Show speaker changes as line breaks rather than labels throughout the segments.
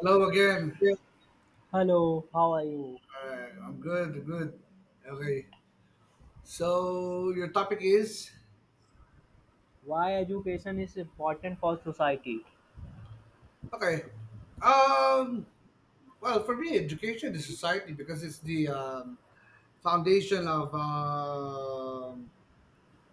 Hello again.
Yeah. Hello, how are you?
Alright, I'm good. Good. Okay. So your topic is.
Why education is important for society?
Okay. Um. Well, for me, education is society because it's the foundation of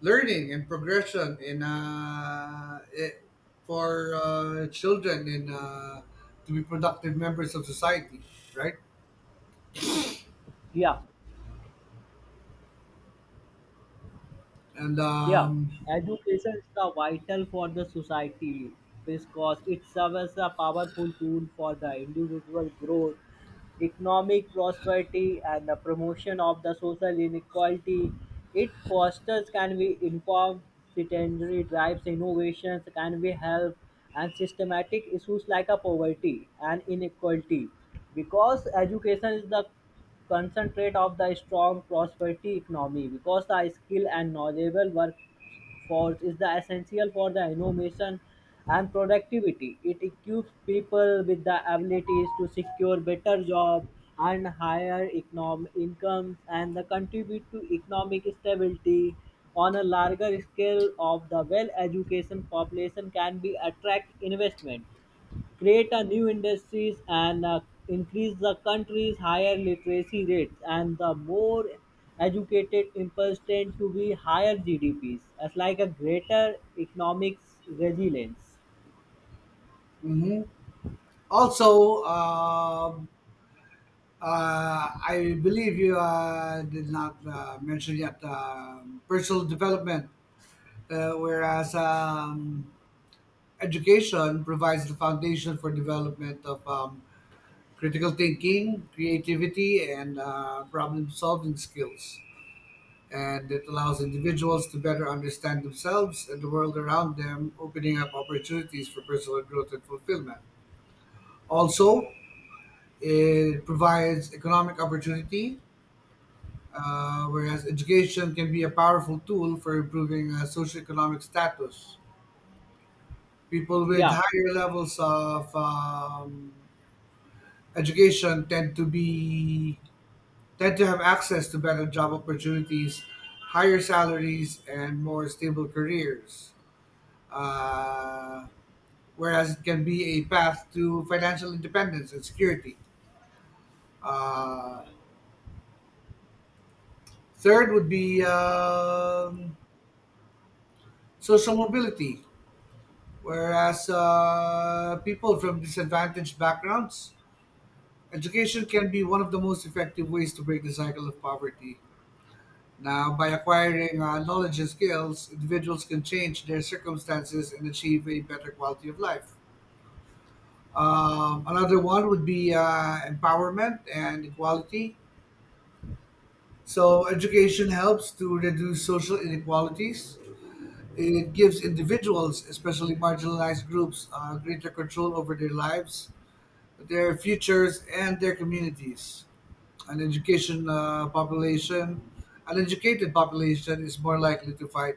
learning and progression in it, for children in to be productive members of society, right?
Yeah,
And
yeah.
um,
Education is the vital for the society, because it serves as a powerful tool for the individual growth, economic prosperity, and the promotion of the social inequality. It fosters can we inform citizenry drives innovations, can we help and systematic issues like a poverty and inequality. Because education is the concentrate of the strong prosperity economy, because the skill and knowledgeable work force is the essential for the innovation and productivity. It equips people with the abilities to secure better jobs and higher economic incomes and the contribute to economic stability on a larger scale of the well educated population can be attract investment, create a new industries and increase the country's higher literacy rates and the more educated impulse tend to be higher GDPs as like a greater economic resilience.
mhm, also, I believe you did not mention yet personal development, whereas education provides the foundation for development of critical thinking, creativity, and problem solving skills. And it allows individuals to better understand themselves and the world around them, opening up opportunities for personal growth and fulfillment. Also, it provides economic opportunity, whereas education can be a powerful tool for improving socioeconomic status. People with
Yeah,
higher levels of education tend to have access to better job opportunities, higher salaries, and more stable careers. Uh, Whereas it can be a path to financial independence and security. Uh, Third would be social mobility. Whereas people from disadvantaged backgrounds, education can be one of the most effective ways to break the cycle of poverty. Now, by acquiring knowledge and skills, individuals can change their circumstances and achieve a better quality of life. Another one would be empowerment and equality. So, education helps to reduce social inequalities. It gives individuals, especially marginalized groups, greater control over their lives, their futures, and their communities. An education uh, population, an educated population is more likely to fight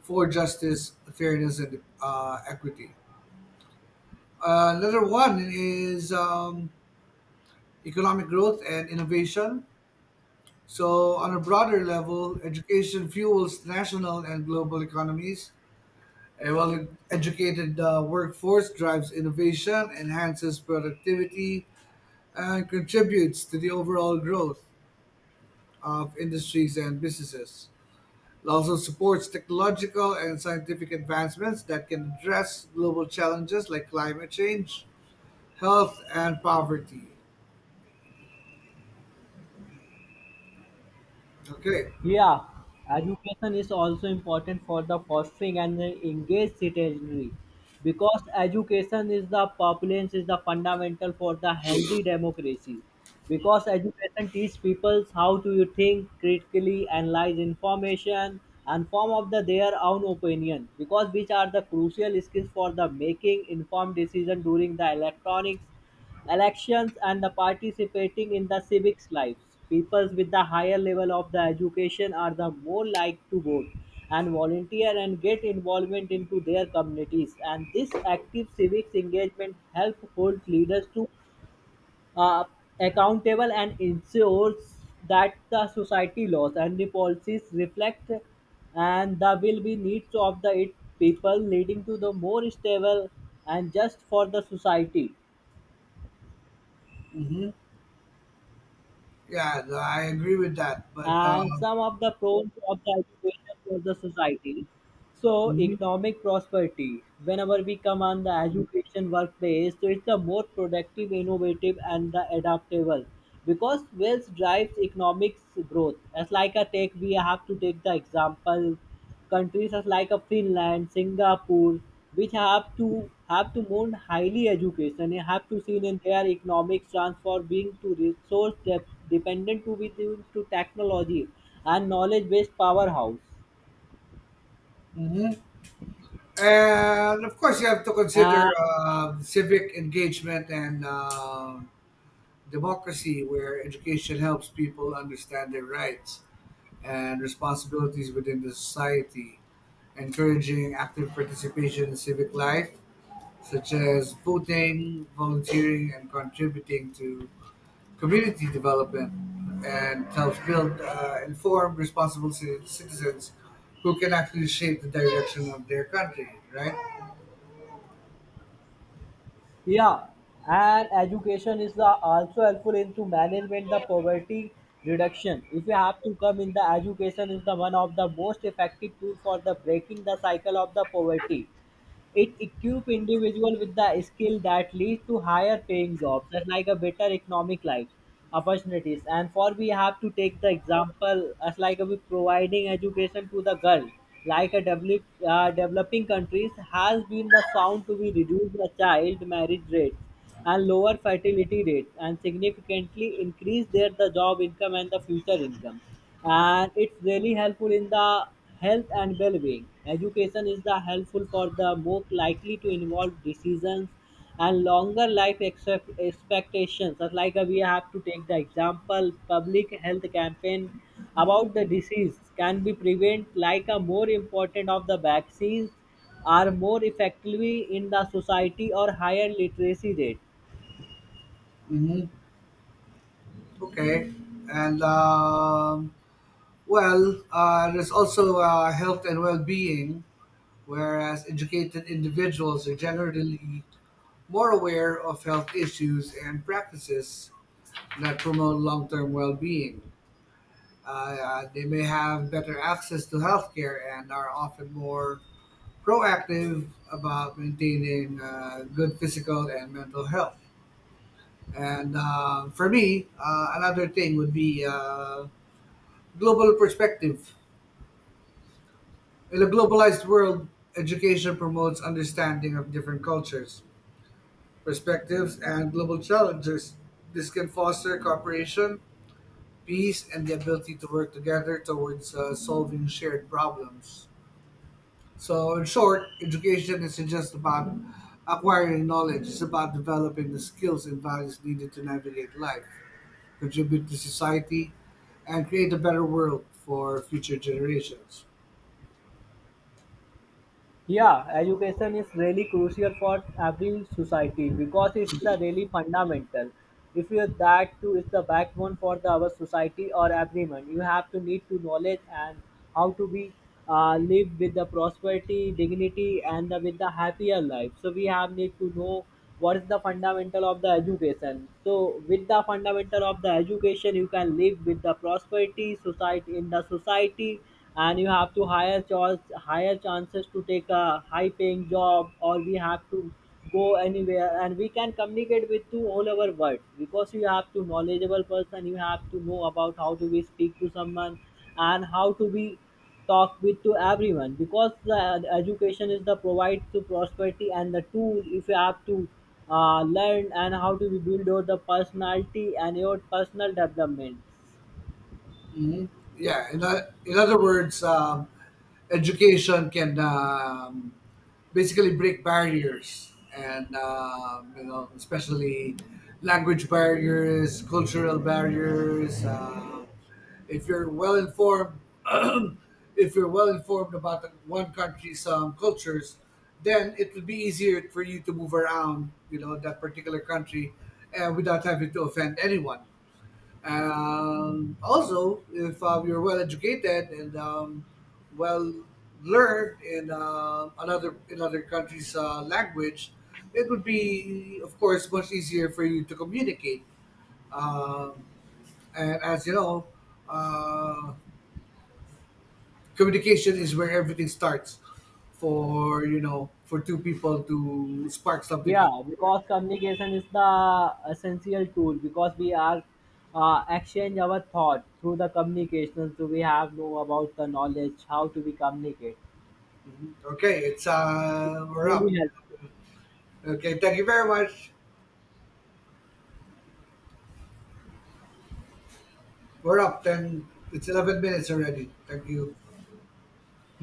for justice, fairness, and equity. Another one is economic growth and innovation. So, on a broader level, education fuels national and global economies. A well educated workforce drives innovation, enhances productivity, and contributes to the overall growth of industries and businesses. It also supports technological and scientific advancements that can address global challenges like climate change, health, and poverty. Okay.
yeah, education is also important for the fostering and the engaged citizenry, because education is the populace is the fundamental for the healthy democracy. Because education teaches people how to you think critically, analyze information, and form of the their own opinion. Because which are the crucial skills for the making informed decision during the electronics elections and the participating in the civics lives. Peoples with the higher level of the education are the more like to vote and volunteer and get involvement into their communities. And this active civics engagement help hold leaders to uh, accountable and ensures that the society laws and the policies reflect and the will be needs of the it people, leading to the more stable and just for the society.
Hmm, yeah, I agree with that. But,
And some of the pros of the education for the society. So
mhm,
economic prosperity. Whenever we come on the education workplace, so it's a more productive, innovative, and the adaptable, because wealth drives economics growth. As like a take, we have to take the example. Countries are like a Finland, Singapore, which have to more highly education. They have to seen in their economic transfer being to resource dependent to be due to technology and knowledge based powerhouse.
mhm, and of course, you have to
And
consider civic engagement and democracy, where education helps people understand their rights and responsibilities within the society, encouraging active participation in civic life, such as voting, volunteering, and contributing to community development, and helps build informed, responsible citizens who can actually shape the direction of their country, right?
yeah, and education is the also helpful into management the poverty reduction. If you have to come in the education is the one of the most effective tool for the breaking the cycle of the poverty. It equip individual with the skill that leads to higher paying jobs, just like a better economic life opportunities. And for we have to take the example as like we providing education to the girl, like a developing countries has been the sound to be reduce the child marriage rates and lower fertility rates and significantly increase their the job income and the future income. And it's really helpful in the health and well-being. Education is the helpful for the more likely to involve decisions and longer life expectations. Just like we have to take the example public health campaign about the disease can be prevent, like a more important of the vaccines are more effectively in the society or higher literacy rate.
Hmm. Okay. And, well, there's also health and well being, whereas educated individuals are generally more aware of health issues and practices that promote long-term well-being. They may have better access to healthcare and are often more proactive about maintaining good physical and mental health. And for me, another thing would be global perspective. In a globalized world, education promotes understanding of different cultures, perspectives, and global challenges. This can foster cooperation, peace, and the ability to work together towards solving shared problems. So, in short, education isn't just about acquiring knowledge, it's about developing the skills and values needed to navigate life, contribute to society, and create a better world for future generations.
Yeah, education is really crucial for every society, because it's the really fundamental. If you that too is the backbone for the our society or everyone, you have to need to knowledge and how to be live with the prosperity, dignity, and the, with the happier life. So we have need to know what is the fundamental of the education, so with the fundamental of the education you can live with the prosperity society in the society. And you have to higher chances to take a high paying job, or we have to go anywhere and we can communicate with to all over world, because you have to knowledgeable person, you have to know about how to be speak to someone and how to be talk with to everyone, because the education is the provide to prosperity and the tool if you have to learn and how to be build your the personality and your personal development.
Mhm. Yeah. In other words, education can basically break barriers, and especially language barriers, cultural barriers. If you're well informed, if you're well informed about the one country's cultures, then it would be easier for you to move around, that particular country, and without having to offend anyone. Also, if you're well educated and well learned in other country's language, it would be, of course, much easier for you to communicate. Um, and, as you know, uh, communication is where everything starts for you know for two people to spark something up.
Yeah, because communication is the essential tool, because we are exchange our thought through the communication, so we have know about the knowledge how to be communicate
Mhm. Okay, it's we're up.
really help.
Okay, thank you very much. We're up 10. It's 11 minutes already. Thank you.